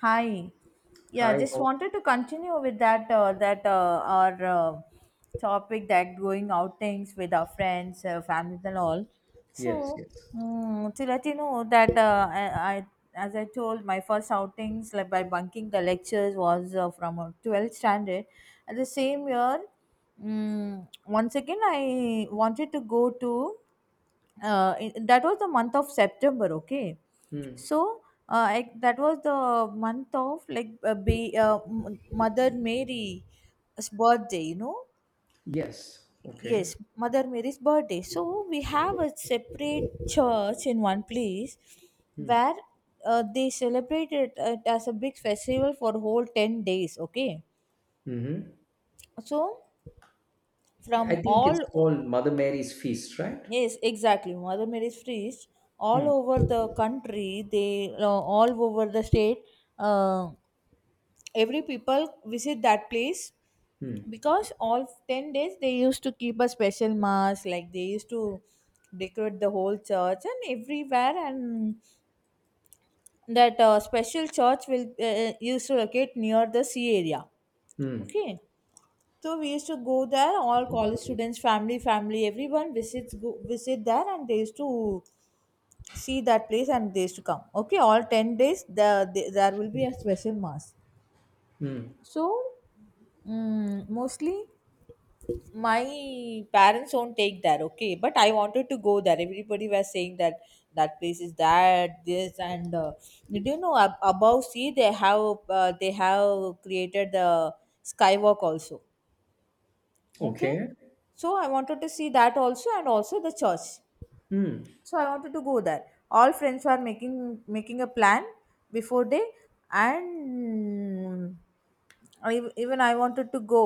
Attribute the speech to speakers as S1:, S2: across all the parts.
S1: Hi. Yeah,
S2: Hi,
S1: just
S2: how?
S1: wanted to continue with that that our topic that going outings with our friends, families, and all.
S2: Yes,
S1: So
S2: yes.
S1: mm, to let you know that I, as I told, my first outings like by bunking the lectures was from 12th standard. At the same year, once again I wanted to go to, that was the month of September, okay?
S2: Hmm.
S1: So, that was the month of like Mother Mary's birthday, you know?
S2: Yes. Okay.
S1: Yes, Mother Mary's birthday. So, we have a separate church in one place
S2: Hmm.
S1: where they celebrated it as a big festival for whole 10 days, okay?
S2: Hmm.
S1: So,
S2: I
S1: from
S2: think it's
S1: all.
S2: called Mother Mary's Feast, right?
S1: Yes, exactly. Mother Mary's feast all
S2: Hmm.
S1: over the country. They, all over the state. Uh, every people visit that place
S2: Hmm.
S1: because all 10 days they used to keep a special mass. Like they used to decorate the whole church and everywhere, and that special church will used to locate near the sea area.
S2: Hmm.
S1: Okay. So we used to go there, all college students, family, everyone visits go, visit there, and they used to see that place and days to come. Okay, all 10 days the there will be a special mass.
S2: Hmm.
S1: So, mostly my parents won't take there. Okay, but I wanted to go there. Everybody was saying that that place is that this, and do you know above sea they have created the skywalk also. Okay,
S2: Okay.
S1: so I wanted to see that also and also the church.
S2: Hmm.
S1: So I wanted to go there. All friends were making a plan before they. And I, even I wanted to go.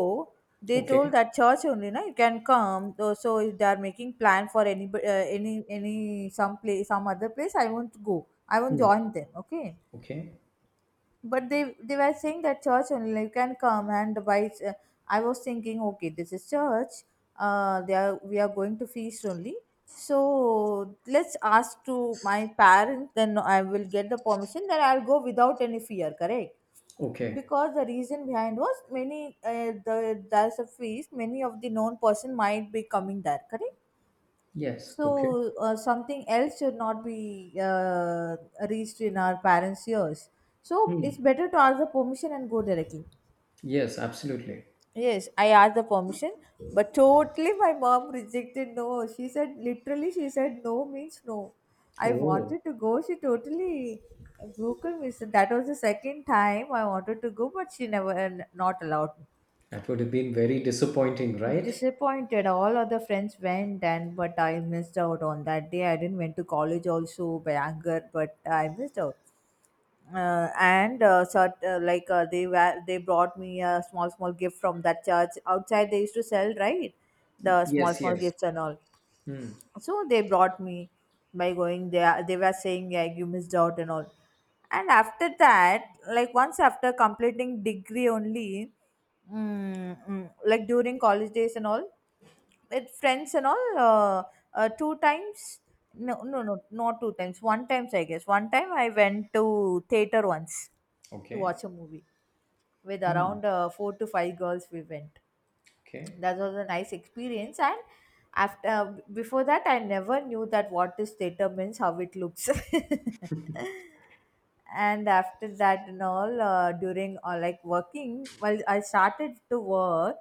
S1: They told
S2: Okay.
S1: that church only na you can come though. So if they are making plan for any any some place some other place, I won't go, I won't
S2: Hmm.
S1: join them. Okay,
S2: Okay.
S1: but they were saying that church only, like, you can come, and by, I was thinking, okay, this is church, they are we are going to feast only. So let's ask to my parents, then I will get the permission, then I'll go without any fear, correct?
S2: Okay.
S1: Because the reason behind was many, there's a feast, many of the known person might be coming there, correct?
S2: Yes. Okay.
S1: So something else should not be reached in our parents' ears. So it's
S2: Hmm.
S1: better to ask the permission and go directly.
S2: Yes, absolutely.
S1: Yes, I asked the permission, but totally my mom rejected no. She said, literally she said, no means no. I
S2: Oh,
S1: wanted to go. She totally broke her me. So that was the second time I wanted to go, but she never, not allowed me.
S2: that would have been very disappointing, right?
S1: Disappointed, all other friends went, and but I missed out on that day. I didn't went to college also by anger, but I missed out. And sort like they brought me a small small gift from that church outside. They used to sell, right, the small
S2: Yes,
S1: small
S2: yes.
S1: gifts and all.
S2: Hmm.
S1: So they brought me by going there, they were saying, "Yeah, you missed out and all." And after that, like, once after completing degree only, like during college days and all, with friends and all, two times, no no no, not two times, one times I guess, one time I went to theater once to watch
S2: Okay.
S1: a movie, with
S2: Hmm.
S1: around four to five girls we went.
S2: Okay.
S1: That was a nice experience. And after, before that I never knew that what is theater means, how it looks. And after that and all, during like working, well I started to work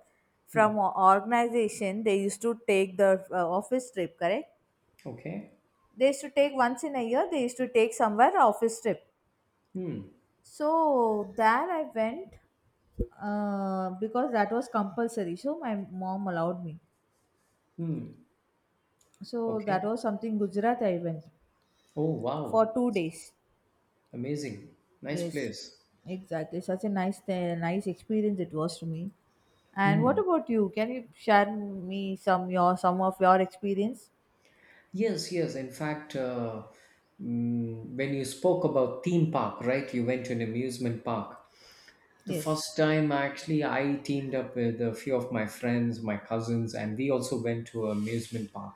S2: Hmm.
S1: from a organization. They used to take the office trip, correct?
S2: Okay.
S1: They used to take once in a year, they used to take somewhere office trip.
S2: Hmm.
S1: So there I went, because that was compulsory, so my mom allowed me.
S2: Hmm.
S1: So that
S2: Okay.
S1: was something Gujarat I went,
S2: Oh,
S1: for
S2: wow.
S1: 2 days.
S2: Amazing. Nice
S1: Yes,
S2: place.
S1: exactly. Such a nice, nice experience it was to me. And what
S2: Hmm.
S1: about you? Can you share me some of your experience?
S2: Yes, yes. In fact, when you spoke about theme park, right? You went to an amusement park. The
S1: Yes.
S2: first time, actually, I teamed up with a few of my friends, my cousins, and we also went to an amusement park.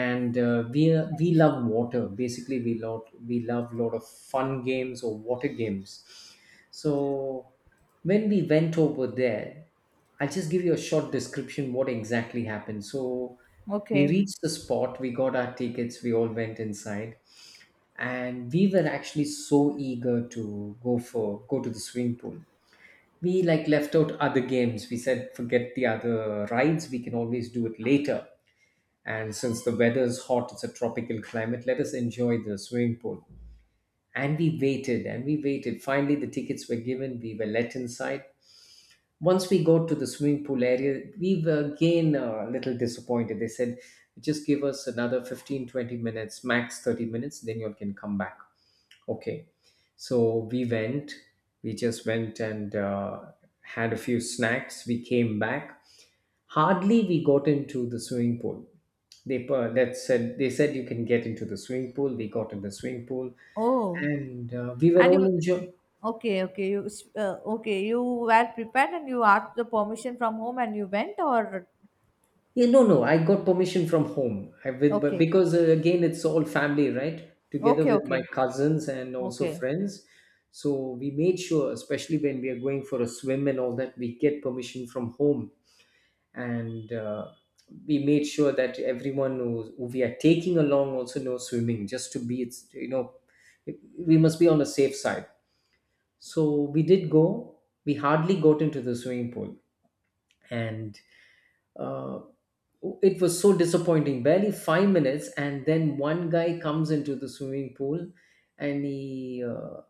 S2: And we love water. Basically, we love lot of fun games or water games. So when we went over there, I'll just give you a short description, what exactly happened. So we
S1: Okay.
S2: reached the spot, we got our tickets, we all went inside, and we were actually so eager to go to the swimming pool. We, like, left out other games. We said, forget the other rides, we can always do it later. And since the weather is hot, it's a tropical climate, let us enjoy the swimming pool. And we waited and we waited. Finally, the tickets were given, we were let inside. Once we got to the swimming pool area, we were again, a little disappointed. They said, just give us another 15, 20 minutes, max 30 minutes, then you all can come back. Okay. So we just went and had a few snacks. We came back. Hardly we got into the swimming pool. They said you can get into the swimming pool. We got in the swimming pool,
S1: Oh,
S2: and we were
S1: and
S2: all
S1: you.
S2: enjoying.
S1: Okay, okay. You okay. You were prepared and you asked the permission from home and you went, or?
S2: Yeah, no, no, I got permission from home. I with but
S1: Okay,
S2: because again, it's all family, right? Together
S1: okay,
S2: with my
S1: okay,
S2: cousins and also
S1: okay.
S2: friends. So we made sure, especially when we are going for a swim and all that, we get permission from home, and we made sure that everyone who we are taking along also knows swimming, just to be, it's we must be on the safe side. So we did go. We hardly got into the swimming pool. And uh, it was so disappointing. Barely 5 minutes and then one guy comes into the swimming pool, and he,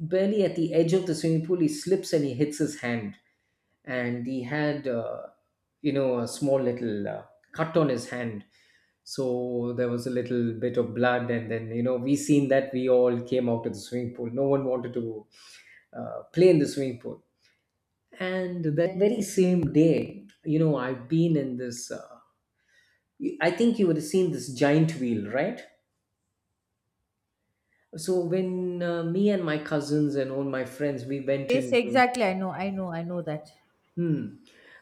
S2: barely at the edge of the swimming pool, he slips and he hits his hand. And he had, a small little cut on his hand. So there was a little bit of blood, and then we seen that, we all came out of the swimming pool. No one wanted to play in the swimming pool. And that very same day, I've been in this I think you would have seen this giant wheel, right? So when me and my cousins and all my friends, we went
S1: Yes,
S2: into.
S1: exactly. I know. I know. I know that.
S2: Hmm.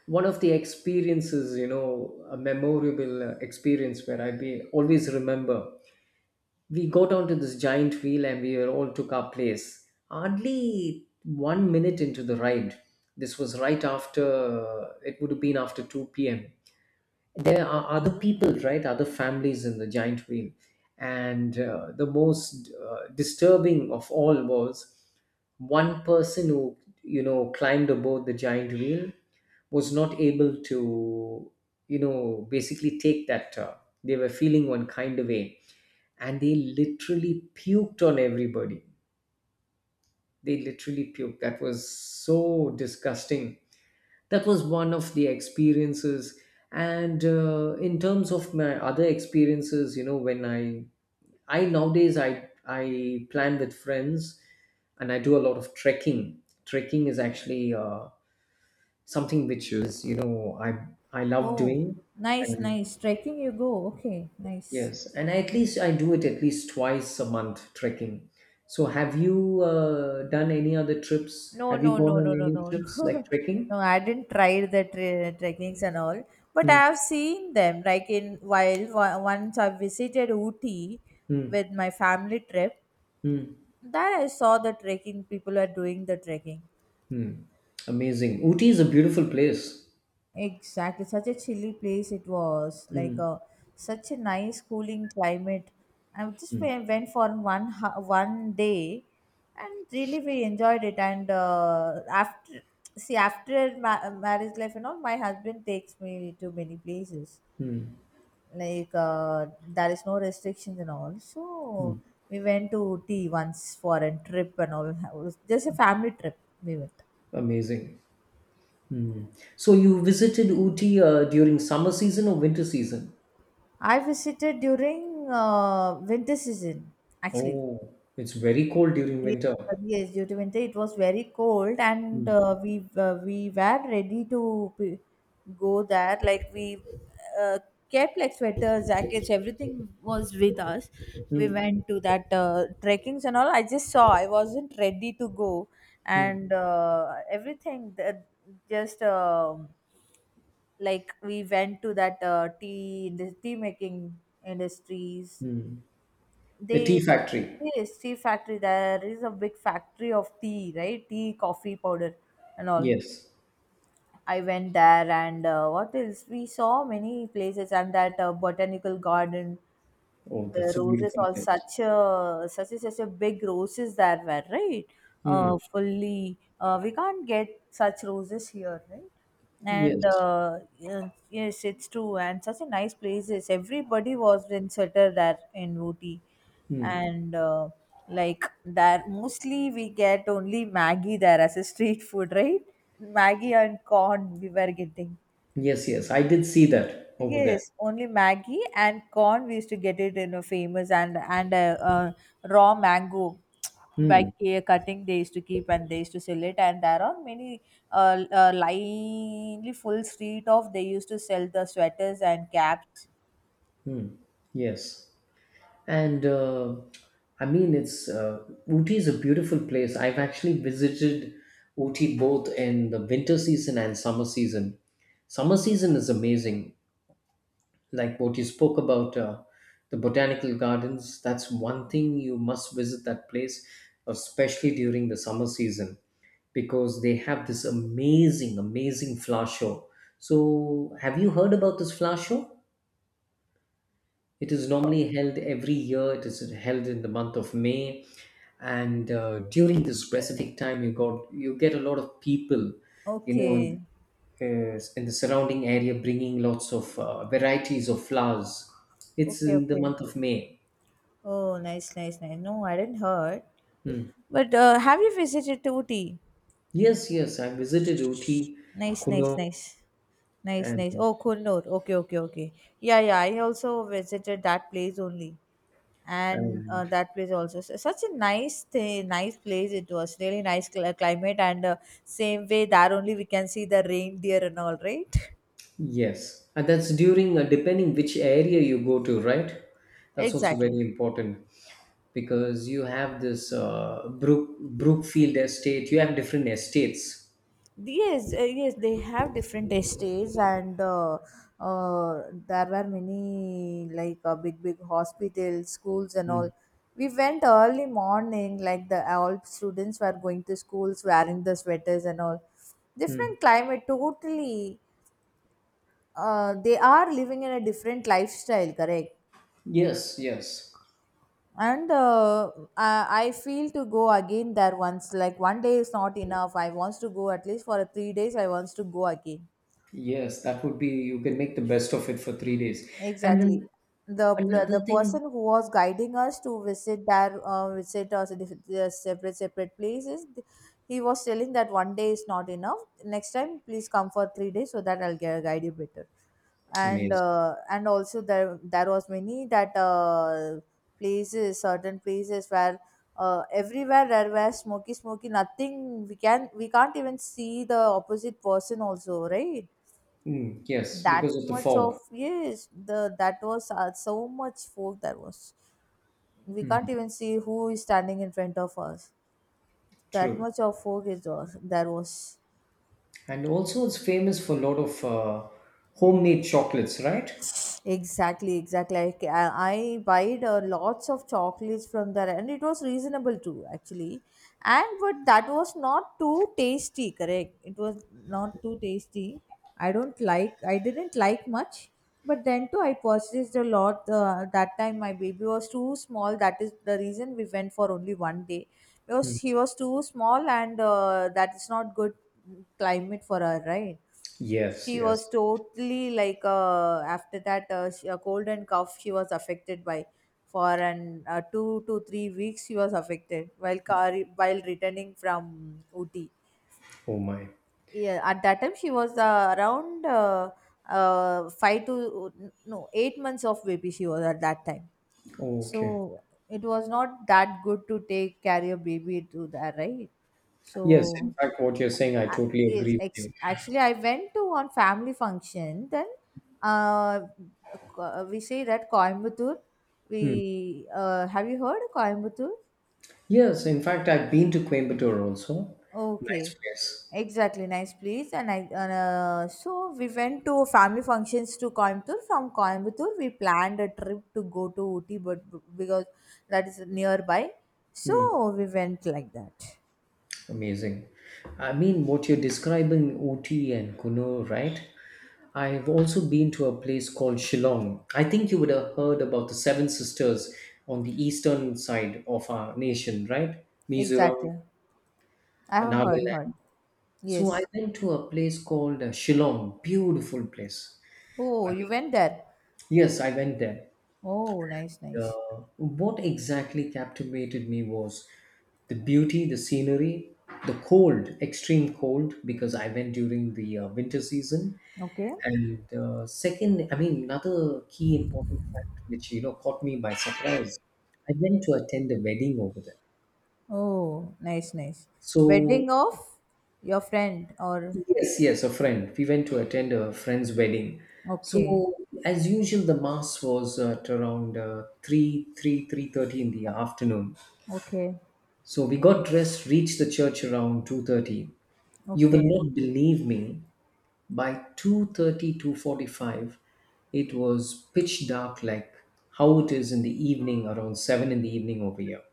S2: One of the experiences, a memorable experience where always remember. We got onto this giant wheel and we were all took our place. Hardly 1 minute into the ride. This was right after, it would have been after 2 p.m. There are other people, right? Other families in the giant wheel. And the most disturbing of all was one person who, climbed aboard the giant wheel, was not able to, basically take that, they were feeling one kind of way, and they literally puked on everybody. They literally puked. That was so disgusting. That was one of the experiences. And in terms of my other experiences, when I nowadays I plan with friends, and I do a lot of trekking. Trekking is actually something which is, I love
S1: Oh,
S2: doing.
S1: nice,
S2: And
S1: nice. Trekking you go. Okay, nice.
S2: yes, and at least I do it, at least twice a month, trekking. So have you done any other trips?
S1: No,
S2: Have you
S1: no,
S2: gone
S1: no,
S2: on
S1: no, no,
S2: any
S1: no.
S2: trips like trekking?
S1: No, I didn't try the trekkings and all, but
S2: Hmm,
S1: I have seen them. Like in once I visited Ooty
S2: hmm,
S1: with my family trip,
S2: hmm,
S1: there I saw the trekking, people are doing the trekking.
S2: hmm. Amazing. Uti is a beautiful place.
S1: Exactly, such a chilly place it was. Like
S2: Hmm,
S1: a, such a nice cooling climate. I just
S2: hmm,
S1: went for one one day, and really we enjoyed it. And, after, marriage life and all, my husband takes me to many places. Like, there is no restrictions and all, so
S2: hmm.
S1: we went to tea once for a trip and all. It was just a family trip we went.
S2: Amazing. Hmm. So you visited Uti during summer season or winter season?
S1: I visited during, winter season, actually.
S2: Oh, it's very cold during
S1: Yes,
S2: winter.
S1: yes, due to winter, it was very cold, and
S2: Hmm,
S1: we were ready to go there. Like we, uh, kept like sweaters, jackets, everything was with us. We
S2: hmm,
S1: went to that, trekkings and all. I just saw, I wasn't ready to go,
S2: hmm,
S1: and everything that just. Like we went to that tea the tea making industries,
S2: hmm. The
S1: they.
S2: tea factory.
S1: Yes, tea factory. There is a big factory of tea, right? Tea, coffee powder, and all.
S2: Yes.
S1: I went there, and what else? We saw many places, and that botanical garden,
S2: Oh,
S1: the
S2: that's a
S1: roses,
S2: beautiful
S1: all
S2: place.
S1: such a big roses there were, right?
S2: Hmm.
S1: Fully, we can't get such roses here, right? And
S2: Yes.
S1: yeah, yes, it's true. And such a nice places, everybody was in sweater there in Ooty.
S2: Hmm.
S1: And like there mostly we get only Maggie there as a street food, right? Maggie and corn we were getting.
S2: Yes, yes. I did see that over there.
S1: Yes, only Maggie and corn. We used to get it in a famous, and a, raw mango by
S2: Hmm.
S1: cutting. They used to keep and they used to sell it. And there are many, lively full street of they used to sell the sweaters and caps.
S2: Hmm. Yes. And I mean, it's Ooty is a beautiful place. I've actually visited Ooty both in the winter season and summer season. Summer season is amazing. Like what you spoke about, the botanical gardens, that's one thing. You must visit that place, especially during the summer season, because they have this amazing, amazing flower show. So have you heard about this flower show? It is normally held every year. It is held in the month of May, and during this specific time, you got you get a lot of people, you know,
S1: Okay,
S2: in the surrounding area, bringing lots of varieties of flowers. It's
S1: okay,
S2: in the
S1: okay.
S2: month of May.
S1: Oh, nice, nice, nice. No, I didn't heard.
S2: Hmm.
S1: But have you visited to Ooty?
S2: Yes, yes, I visited Uti,
S1: Nice, nice,
S2: Kuno,
S1: nice. Nice, nice.
S2: and
S1: Oh, Kunur. Okay, okay, okay. Yeah, yeah. I also visited that place only. And
S2: and.
S1: that place also, so such a nice thing, nice place it was, really nice climate. And same way there only we can see the reindeer and all, right?
S2: Yes, and that's during, depending which area you go to, right? That's also
S1: Exactly.
S2: very important, because you have this Brookfield estate. You have different estates.
S1: Yes, they have different estates, and there were many, like big big hospitals, schools and all.
S2: Mm.
S1: We went early morning, like the all students were going to schools wearing the sweaters and all,
S2: Mm.
S1: different climate totally. They are living in a different lifestyle, correct?
S2: Yes, yes,
S1: And I feel to go again there once, like one day is not enough, I wants to go at least for a 3 days, I wants to go again.
S2: yes. That would be, you can make the best of it for 3 days, and
S1: Exactly.
S2: then
S1: The
S2: another
S1: the
S2: thing.
S1: person who was guiding us to visit us, their separate separate places, he was telling that one day is not enough, next time please come for 3 days so that I'll guide you better. And
S2: Amazing.
S1: also there was many that places, certain places where, everywhere there were smoky smoky, nothing we can't even see the opposite person also, right?
S2: Mm, yes,
S1: That
S2: because of the
S1: much of,
S2: fog.
S1: yes, the that was, so much fog that was, we can't even see who is standing in front of us, that
S2: True,
S1: much of fog is there, there was.
S2: and also it's famous for a lot of homemade chocolates, right?
S1: Exactly, exactly. I, ca- I buyed, lots of chocolates from there, and it was reasonable too, actually. And but that was not too tasty, correct? It was not too tasty. I don't like. I didn't like much. But then too, I purchased a lot. That time my baby was too small. That is the reason we went for only one day, because he was too small, and that is not good climate for her, right?
S2: Yes,
S1: She was
S2: yes.
S1: totally like, after that, she, a cold and cough she was affected by for an, 2 to 3 weeks she was affected, while returning from Uti.
S2: Oh my.
S1: Yeah, at that time she was, around, five to no 8 months of baby she was at that time.
S2: Okay.
S1: So it was not that good to take carry a baby to that, right.
S2: Yes,
S1: So
S2: in fact, what you're saying, I
S1: a-
S2: totally agree with you.
S1: Actually, I went to one family function. Then uh, we say that Coimbatore. We
S2: Hmm.
S1: Have you heard Coimbatore?
S2: Yes, in fact, I've been to Coimbatore also.
S1: Okay.
S2: Nice place.
S1: Exactly, nice place. And so we went to family functions to Coimbatore. From Coimbatore we planned a trip to go to Ooty, but because that is nearby. So
S2: Hmm.
S1: we went like that.
S2: Amazing. I mean, what you're describing, Ooty and Kuno, right? I've also been to a place called Shillong. I think you would have heard about the Seven Sisters on the eastern side of our nation, right? Mizoram,
S1: Exactly. I have heard.
S2: Nagaland. So I
S1: Yes.
S2: went to a place called Shillong, beautiful place.
S1: Oh,
S2: I
S1: you
S2: mean,
S1: went there.
S2: yes, I went there.
S1: Oh, nice, nice.
S2: What exactly captivated me was the beauty, the scenery, the cold, extreme cold, because I went during the winter season.
S1: Okay.
S2: And second, I mean, another key important fact which, caught me by surprise. I went to attend a wedding over there.
S1: Oh, nice, nice.
S2: So
S1: Wedding of your friend or?
S2: yes, yes, a friend. We went to attend a friend's wedding. So
S1: Okay.
S2: as usual, the mass was at around 3:30 in the afternoon.
S1: Okay.
S2: So we got dressed, reached the church around 2:30. You
S1: Okay.
S2: will not believe me, by 2:30, 2:45 it was pitch dark, like how it is in the evening around 7 in the evening over here.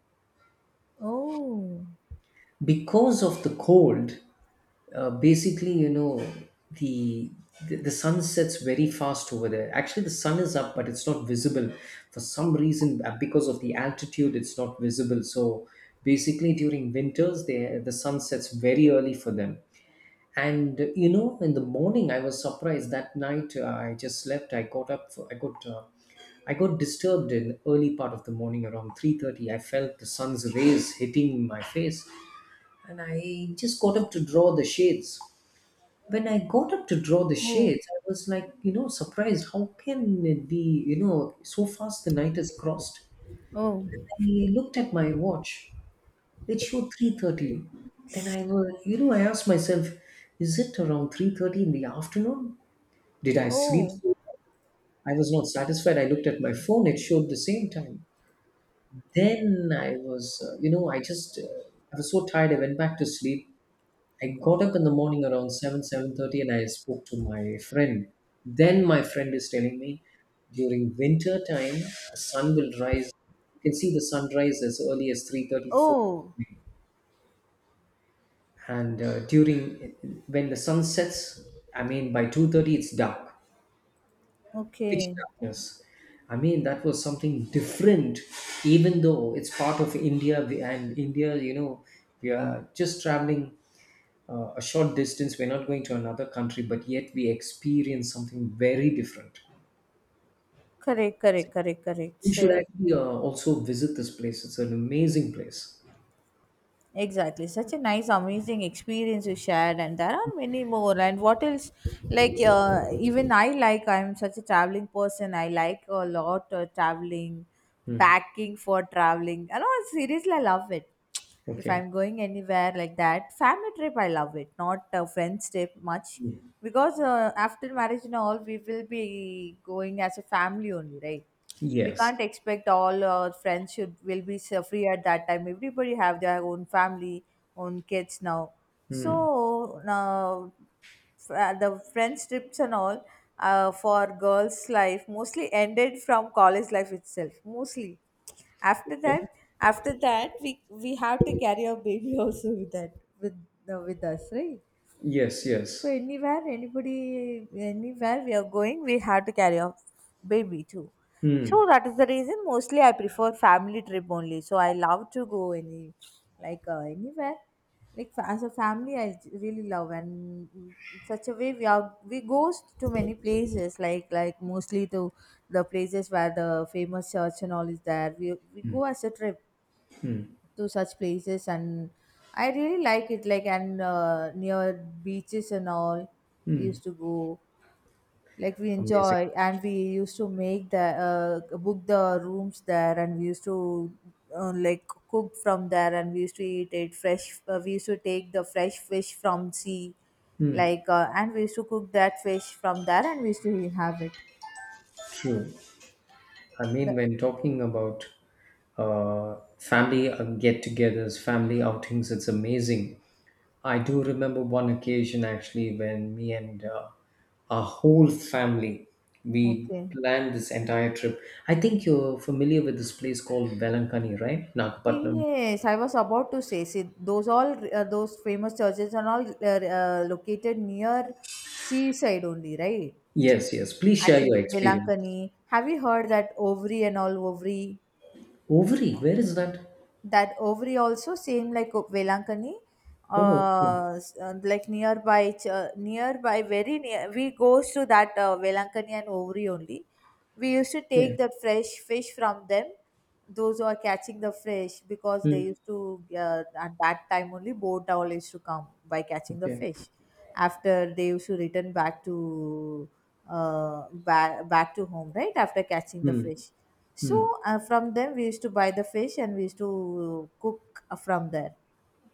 S1: Oh.
S2: Because of the cold, basically, the, the sun sets very fast over there. Actually, the sun is up, but it's not visible for some reason. Because of the altitude, it's not visible. So basically, during winters, the sun sets very early for them. And in the morning, I was surprised. That night, I just slept. I got up. For, I got. I got disturbed in early part of the morning around 3:30. I felt the sun's rays hitting my face, and I just got up to draw the shades. When I got up to draw the
S1: Oh.
S2: shades, I was like, surprised. How can it be, so fast the night is crossed?
S1: Oh.
S2: I looked at my watch. It showed 3:30. Then I was, you know, I asked myself, is it around 3:30 in the afternoon? Did I sleep?
S1: Oh.
S2: I was not satisfied. I looked at my phone. It showed the same time. Then I was so tired. I went back to sleep. I got up in the morning around 7, 7:30, and I spoke to my friend. Then my friend is telling me, during winter time, the sun will rise. You can see the sunrise as early as 3:34.
S1: Oh.
S2: And when the sun sets, I mean, by 2:30 it's dark, pitch
S1: Okay.
S2: darkness. I mean, that was something different, even though it's part of India, and India, we are just traveling a short distance. We're not going to another country, but yet we experience something very different.
S1: Correct, correct, correct, correct.
S2: You should
S1: So.
S2: actually also visit this place. It's an amazing place.
S1: Exactly, such a nice, amazing experience you shared, and there are many more. And what else? Like, even I, like, I'm such a traveling person. I like a lot, traveling,
S2: Hmm.
S1: packing for traveling. I know, seriously, I love it. If
S2: Okay.
S1: I'm going anywhere like that, family trip, I love it, not a friends trip much,
S2: Hmm.
S1: because after marriage and all, we will be going as a family only, right? We
S2: Yes.
S1: can't expect all our friends should will be so free at that time. Everybody have their own family, own kids now. So
S2: Hmm.
S1: now, the friends trips and all, for girls life mostly ended from college life itself, mostly. after
S2: Okay.
S1: that After that we have to carry our baby also with that with with us, right?
S2: Yes. Yes.
S1: So anywhere we are going, we have to carry a baby too. So
S2: Hmm.
S1: that is the reason mostly I prefer family trip only. So I love to go any, like, anywhere, like, as a family. I really love, and in such a way we goes to many places, like, mostly to the places where the famous church and all is there. We go as a trip to such places. And I really like it. Like, and near beaches and all we used to go, like, we
S2: Amazing.
S1: enjoy. And we used to make the book the rooms there, and we used to, like, cook from there, and we used to eat it fresh. We used to take the fresh fish from sea,
S2: Hmm.
S1: like, and we used to cook that fish from there, and we used to have it.
S2: True. I mean,
S1: the,
S2: when talking about family get-togethers, family outings, it's amazing. I do remember one occasion actually, when me and our whole family, we
S1: okay.
S2: planned this entire trip. I think you're familiar with this place called Velankani, right? Nagapatnam.
S1: Yes, I was about to say, see, those famous churches are all, located near seaside only, right?
S2: Yes, yes. Please share your
S1: Actually,
S2: experience.
S1: Velankani. Have you heard that Ovri and all, Ovri?
S2: Ovary, where is that?
S1: That Ovary also same like Velankani.
S2: Oh, okay.
S1: Like nearby nearby very near we goes to that, Velankani and Ovary only. We used to take
S2: Okay.
S1: the fresh fish from them, those who are catching the fish. Because they
S2: Hmm.
S1: used to, at that time only boat all used to come by catching the
S2: Okay.
S1: fish. After they used to return back to, back to home right after catching the
S2: Hmm.
S1: fish. So,
S2: Hmm.
S1: from them we used to buy the fish, and we used to cook, from there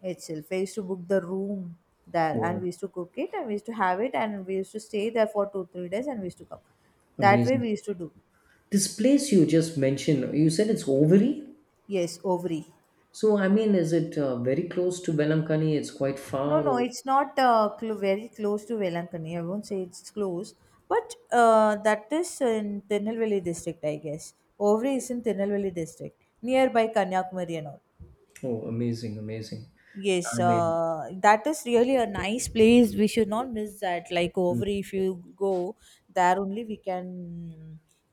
S1: itself. We used to book the room there, and
S2: Wow.
S1: we used to cook it, and we used to have it, and we used to stay there for 2-3 days, and we used to come. That way we
S2: Amazing.
S1: used to do.
S2: This place you just mentioned, you said it's Ovary?
S1: Yes, Ovary.
S2: So, I mean, is it very close to Velankani? It's quite
S1: No,
S2: far
S1: no,
S2: or?
S1: it's not, very close to Velankani. I won't say it's close, but that is in Tirunelveli district, I guess. Ovary is in Tirunelveli district, nearby Kanyakumari and all.
S2: Oh, amazing, amazing.
S1: Yes,
S2: I mean,
S1: that is really a nice place. We should not miss that. Like over,
S2: mm.
S1: if you go there, only we can,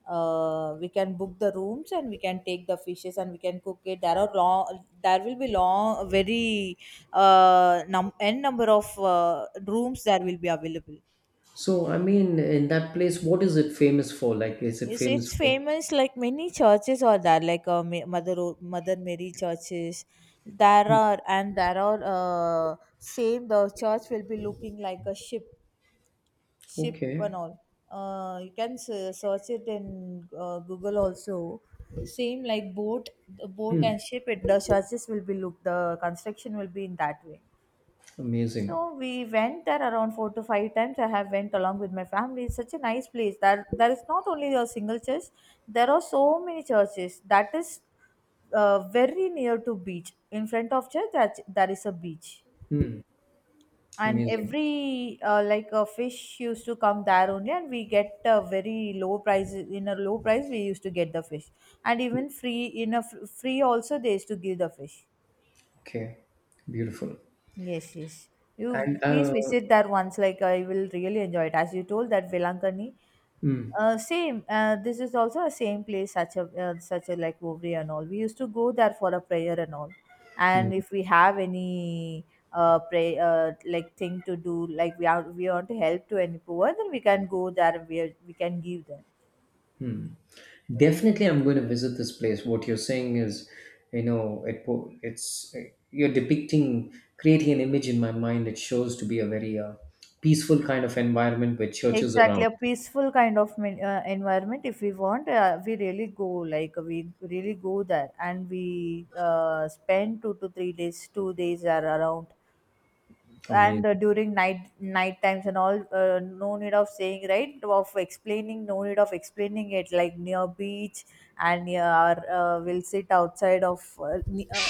S1: uh, we can book the rooms, and we can take the fishes, and we can cook it. There will be long, very, number of rooms that will be available.
S2: In that place, what is it famous for? Like, is it
S1: It's,
S2: famous
S1: it's
S2: for?
S1: famous, like, many churches are there, like, Mother Mary churches there are. And there are same, the church will be looking like a ship, and
S2: Okay.
S1: all. You can search it in, Google also. Same like boat, the boat
S2: Mm.
S1: and ship, it, the construction will be in that way.
S2: Amazing.
S1: So we went there around four to five times. I have went along with my family. It's such a nice place. That there is not only a single church. There are so many churches. That is, very near to beach. In front of church, that there is a beach,
S2: Mm.
S1: and
S2: Amazing.
S1: every, like a fish used to come there only, and we get a very low price. In a low price, we used to get the fish. And even free, in a free also they used to give the fish.
S2: Okay. Beautiful.
S1: Yes, yes. You
S2: And
S1: please visit that once. Like I will really enjoy it. As you told, that Velankani,
S2: mm,
S1: same. This is also a same place. Such a, like, Ovri and all. We used to go there for a prayer and all.
S2: mm,
S1: And if we have any pray like thing to do, like, we want to help to any poor, then we can go there. And we can give them.
S2: mm, definitely, I'm going to visit this place. What you're saying is, it po- it's you're depicting, creating an image in my mind. It shows to be a very peaceful kind of environment with churches
S1: Exactly,
S2: around.
S1: a peaceful kind of environment. If we want, we really go there, and we, spend 2 to 3 days, 2 days are around. And
S2: Amazing.
S1: during night times and all, no need of saying, right, of explaining no need of explaining it. Like near beach, and near our, we'll sit outside of,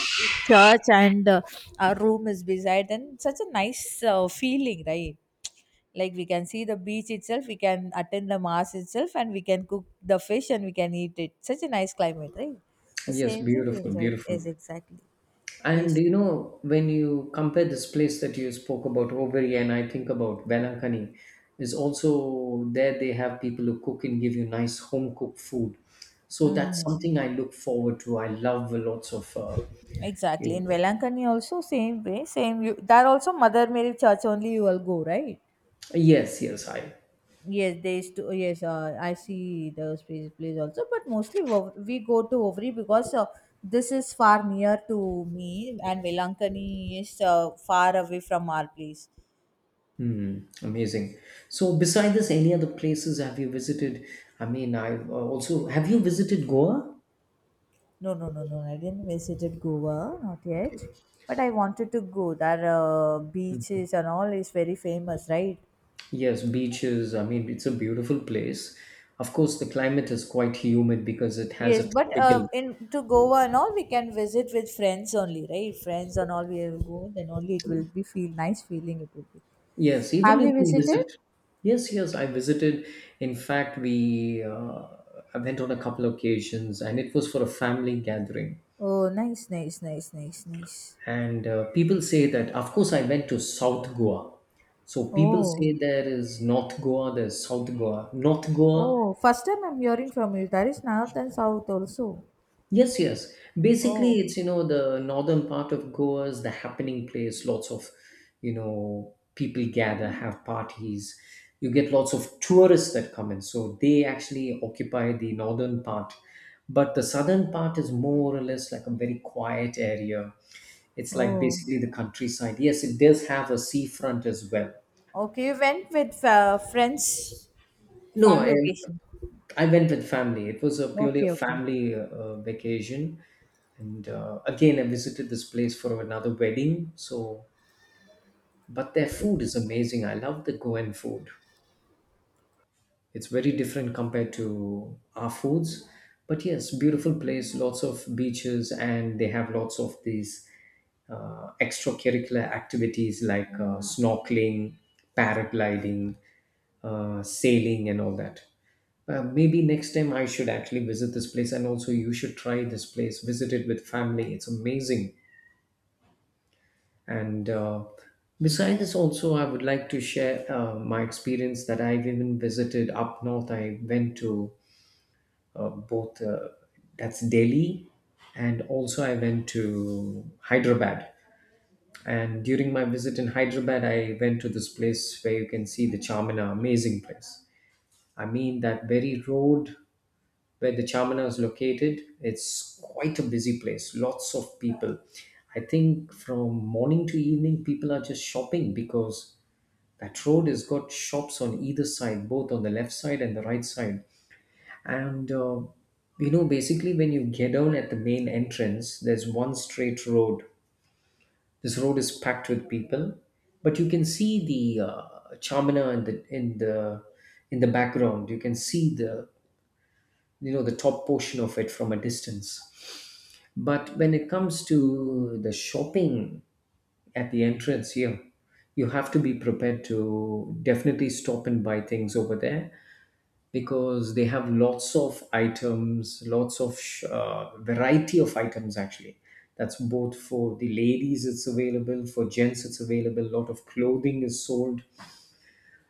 S1: church. And, our room is beside. And such a nice, feeling, right? Like, we can see the beach itself, we can attend the mass itself, and we can cook the fish, and we can eat it. Such a nice climate, right? The
S2: Yes,
S1: same way we
S2: beautiful,
S1: enjoy it,
S2: beautiful.
S1: is exactly. We
S2: And
S1: used to.
S2: you know, when you compare this place that you spoke about, Overi, and I think about Velankani, is also there they have people who cook and give you nice home cooked food. So that's
S1: Mhm.
S2: something I look forward to. I love lots of.
S1: Exactly. In
S2: You-
S1: Velankani also, same way, same, you there also Mother Mary Church only you will go, right?
S2: yes, yes, I.
S1: Yes, they used to. Yes, I see the space place also. But mostly, we go to Ovri because this is far near to me, and Velankani is far away from our place.
S2: Hmm, amazing. So, beside this, any other places have you visited? I mean, I also have you visited Goa?
S1: No, no, no, no, I didn't visited Goa, not yet.
S2: Okay.
S1: But I wanted to go. There, beaches and all is very famous, right?
S2: Yes, beaches. I mean, it's a beautiful place. Of course, the climate is quite humid because it has
S1: Yes,
S2: a
S1: but
S2: tropical.
S1: in to Goa and all we can visit with friends only, right? Friends and all we will go, then only it will be feel nice feeling, it will be.
S2: Yes,
S1: Have
S2: even
S1: you
S2: you can
S1: visited?
S2: visit. Yes, yes, I visited. In fact, we I went on a couple of occasions, and it was for a family gathering.
S1: Oh, nice, nice, nice, nice, nice.
S2: And people say that, of course, I went to South Goa. So people
S1: Oh,
S2: say there is North Goa, there's South Goa. North Goa.
S1: oh, first time I'm hearing from you. That is north and south also.
S2: Yes, yes. Basically,
S1: Oh,
S2: it's, you know, the northern part of Goa is the happening place. Lots of, you know, people gather, have parties. You get lots of tourists that come in. So they actually occupy the northern part. But the southern part is more or less like a very quiet area. It's like
S1: oh,
S2: basically the countryside. Yes, it does have a seafront as well.
S1: okay. You went with, friends,
S2: No,
S1: family
S2: I,
S1: occasion.
S2: I went with family. It was a purely a
S1: Okay, okay,
S2: family vacation, and again I visited this place for another wedding. So, but their food is amazing. I love the Goan food. It's very different compared to our foods, but yes, beautiful place, lots of beaches, and they have lots of these extracurricular activities like snorkeling, paragliding, sailing and all that. Maybe next time I should actually visit this place. And also you should try this place, visit it with family, it's amazing. And Besides this, also, I would like to share my experience that I've even visited up north. I went to both That's Delhi, and also I went to Hyderabad. And during my visit in Hyderabad, I went to this place where you can see the Charminar, amazing place. I mean, that very road where the Charminar is located, it's quite a busy place, lots of people. I think from morning to evening, people are just shopping because that road has got shops on either side, both on the left side and the right side. And You know, basically, when you get down at the main entrance, there's one straight road. This road is packed with people, but you can see the Chamina in the background. You can see the, you know, the top portion of it from a distance. But when it comes to the shopping at the entrance here, you have to be prepared to definitely stop and buy things over there because they have lots of items, lots of variety of items actually. That's both for the ladies, it's available, for gents, it's available. A lot of clothing is sold,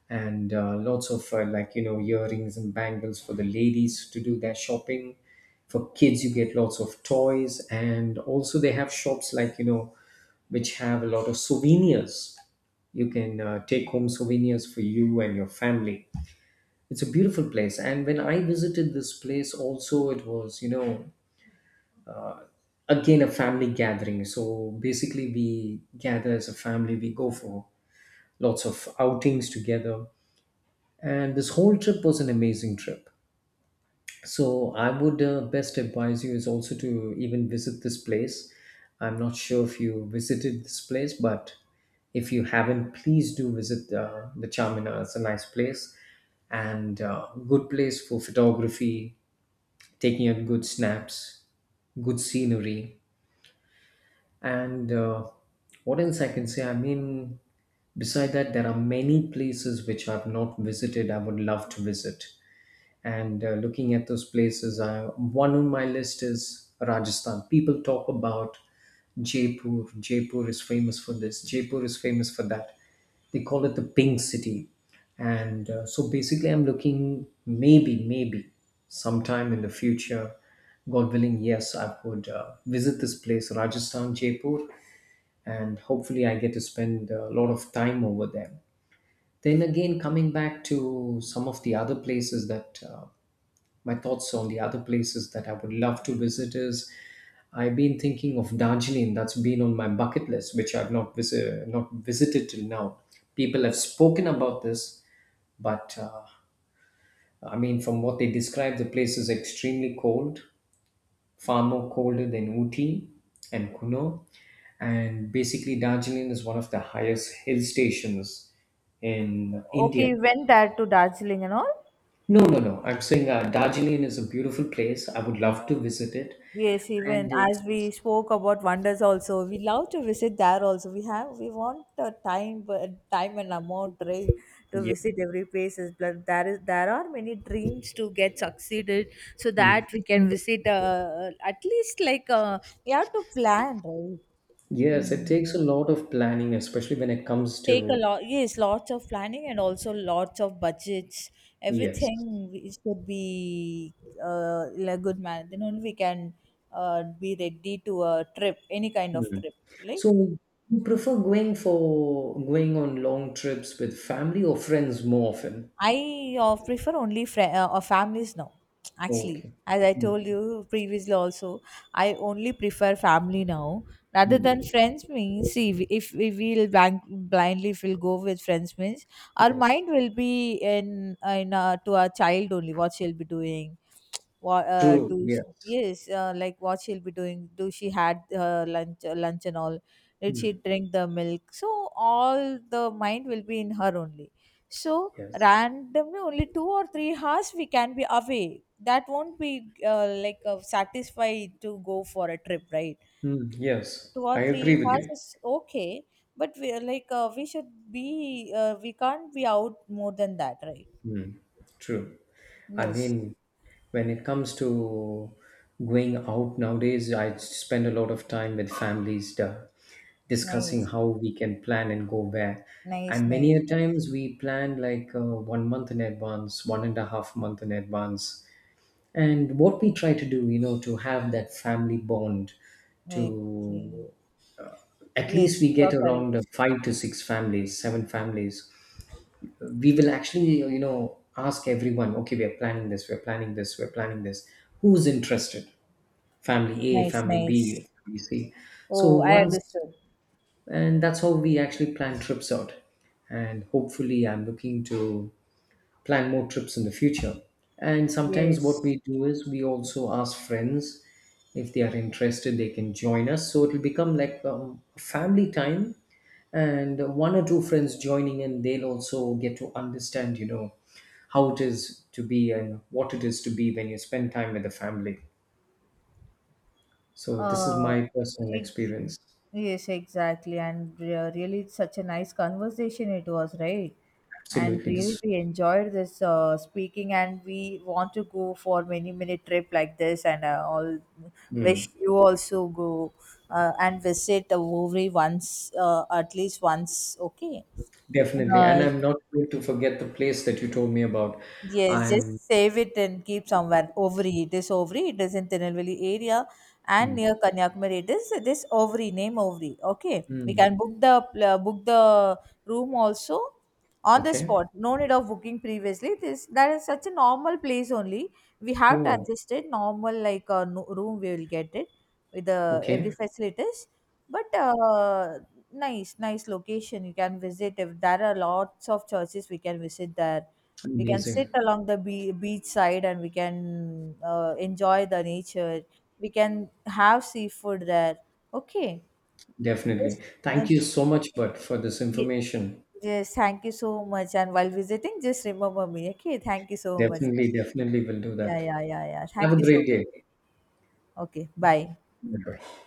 S2: and lots of, like, you know, earrings and bangles for the ladies to do their shopping. For kids, you get lots of toys, and also they have shops like, you know, which have a lot of souvenirs. You can take home souvenirs for you and your family. It's a beautiful place, and when I visited this place also, it was, you know, again a family gathering. So basically we gather as a family, we go for lots of outings together, and this whole trip was an amazing trip. So I would best advise you is also to even visit this place. I'm not sure if you visited this place, but if you haven't, please do visit the Charminar, it's a nice place, and good place for photography, taking up good snaps, good scenery, and what else I can say? I mean, beside that, there are many places which I've not visited. I would love to visit. And Looking at those places, one on my list is Rajasthan. People talk about Jaipur. Jaipur is famous for this, Jaipur is famous for that, they call it the Pink City. And So basically I'm looking, maybe sometime in the future, God willing, yes, I would visit this place, Rajasthan, Jaipur, and hopefully I get to spend a lot of time over there. Then again, coming back to some of the other places that my thoughts on the other places that I would love to visit is, I've been thinking of Darjeeling. That's been on my bucket list, which I've not visited till now. People have spoken about this, but I mean, from what they describe, the place is extremely cold, far more colder than Ooty and Kuno. And basically, Darjeeling is one of the highest hill stations in
S1: okay.
S2: India.
S1: You went there to Darjeeling and all.
S2: No, no, no. I'm saying Darjeeling is a beautiful place. I would love to visit it.
S1: Yes,
S2: And
S1: even as
S2: it's,
S1: we spoke about wonders also, we love to visit there also. We want the time, but time and amount, right, to
S2: yeah.
S1: visit every places. But there are many dreams to get succeeded, so
S2: Mm.
S1: that we can visit, at least, like, we have to plan, right.
S2: Yes, it takes
S1: Mm.
S2: a lot of planning, especially when it
S1: It's
S2: comes
S1: take a
S2: to,
S1: lot, yes, lots of planning and also lots of budgets.
S2: yes.
S1: Everything we should be, in a good manner. Then only we can, be ready to a trip, any kind of
S2: Mm.
S1: trip, right?
S2: So you prefer going on long trips with family or friends more often?
S1: I, prefer only fri families now. Actually,
S2: Okay.
S1: as I told
S2: Mm.
S1: you previously, also I only prefer family now rather
S2: Mm.
S1: than friends. Means, see, if we will blindly, if we'll go with friends, means our
S2: Yes.
S1: mind will be in to our child only, what she'll be doing. What
S2: True.
S1: do she,
S2: Yes.
S1: yes, like, what she'll be doing? Do she had her lunch and all? Did she
S2: Mm.
S1: drink the milk? So all the mind will be in her only. So
S2: Yes.
S1: randomly only 2 or 3 hours we can be away, that won't be, like, satisfied to go for a trip, right?
S2: Mm. Yes,
S1: two or
S2: I
S1: three
S2: agree with
S1: hours
S2: you.
S1: is okay, but we are, like, we should be, we can't be out more than that, right?
S2: Mm, true. I
S1: Yes.
S2: mean, when it comes to going out nowadays, I spend a lot of time with families discussing
S1: Nice.
S2: how we can plan and go where.
S1: Nice,
S2: And
S1: nice,
S2: many a times we plan like one month in advance, one and a half month in advance. And what we try to do, you know, to have that family bond,
S1: nice. Okay.
S2: to at
S1: Yes,
S2: least we
S1: you're
S2: get around
S1: correct.
S2: five to six families, seven families. We will actually, you know, ask everyone, okay, we're planning this, we're planning this, we're planning this, who's interested, family A,
S1: Nice,
S2: family B,
S1: nice.
S2: family C. So
S1: Oh, I
S2: once,
S1: understood.
S2: and that's how we actually plan trips out, and hopefully I'm looking to plan more trips in the future. And sometimes what
S1: Yes.
S2: we do is we also ask friends if they are interested, they can join us. So it'll become like, family time, and one or two friends joining in, they'll also get to understand, you know, how it is to be and what it is to be when you spend time with the family. So this is
S1: Uh,
S2: my personal
S1: it's
S2: experience.
S1: Yes, exactly, and really, it's such a nice conversation it was, right? And
S2: Absolutely,
S1: really,
S2: this.
S1: we enjoyed this, speaking. And we want to go for many minute trip like this, and all. Wish
S2: Mm,
S1: you also go, and visit the Woori once, at least once. Okay.
S2: definitely, and
S1: Uh,
S2: I'm not going to forget the place that you told me about.
S1: Yes,
S2: I'm,
S1: just save it and keep somewhere. Ovary. It is Ovary. It is in Tirunelveli area and near
S2: mm,
S1: Kanyakumari. It is this Ovary name, Ovary. Okay, we
S2: mm,
S1: can book the room also on the
S2: okay.
S1: spot. No need of booking previously. This that is such a normal place only. We have to
S2: Oh,
S1: adjust it normal like a room. We will get it with the every
S2: okay.
S1: facilities. But nice, nice location. You can visit if there are lots of churches. We can visit there. We can sit
S2: Amazing.
S1: along the beach side, and we can, enjoy the nature. We can have seafood there. Okay.
S2: Definitely.
S1: Just, uh,
S2: Thank you so much, but for this
S1: ye-
S2: information.
S1: yes, thank you so much. And while visiting, just remember me. Okay. Thank you so much.
S2: Definitely, definitely will do
S1: Yeah,
S2: that.
S1: yeah, yeah, yeah.
S2: Have
S1: Thank
S2: a
S1: you so
S2: great
S1: much.
S2: day.
S1: Okay. Bye.
S2: Bye-bye.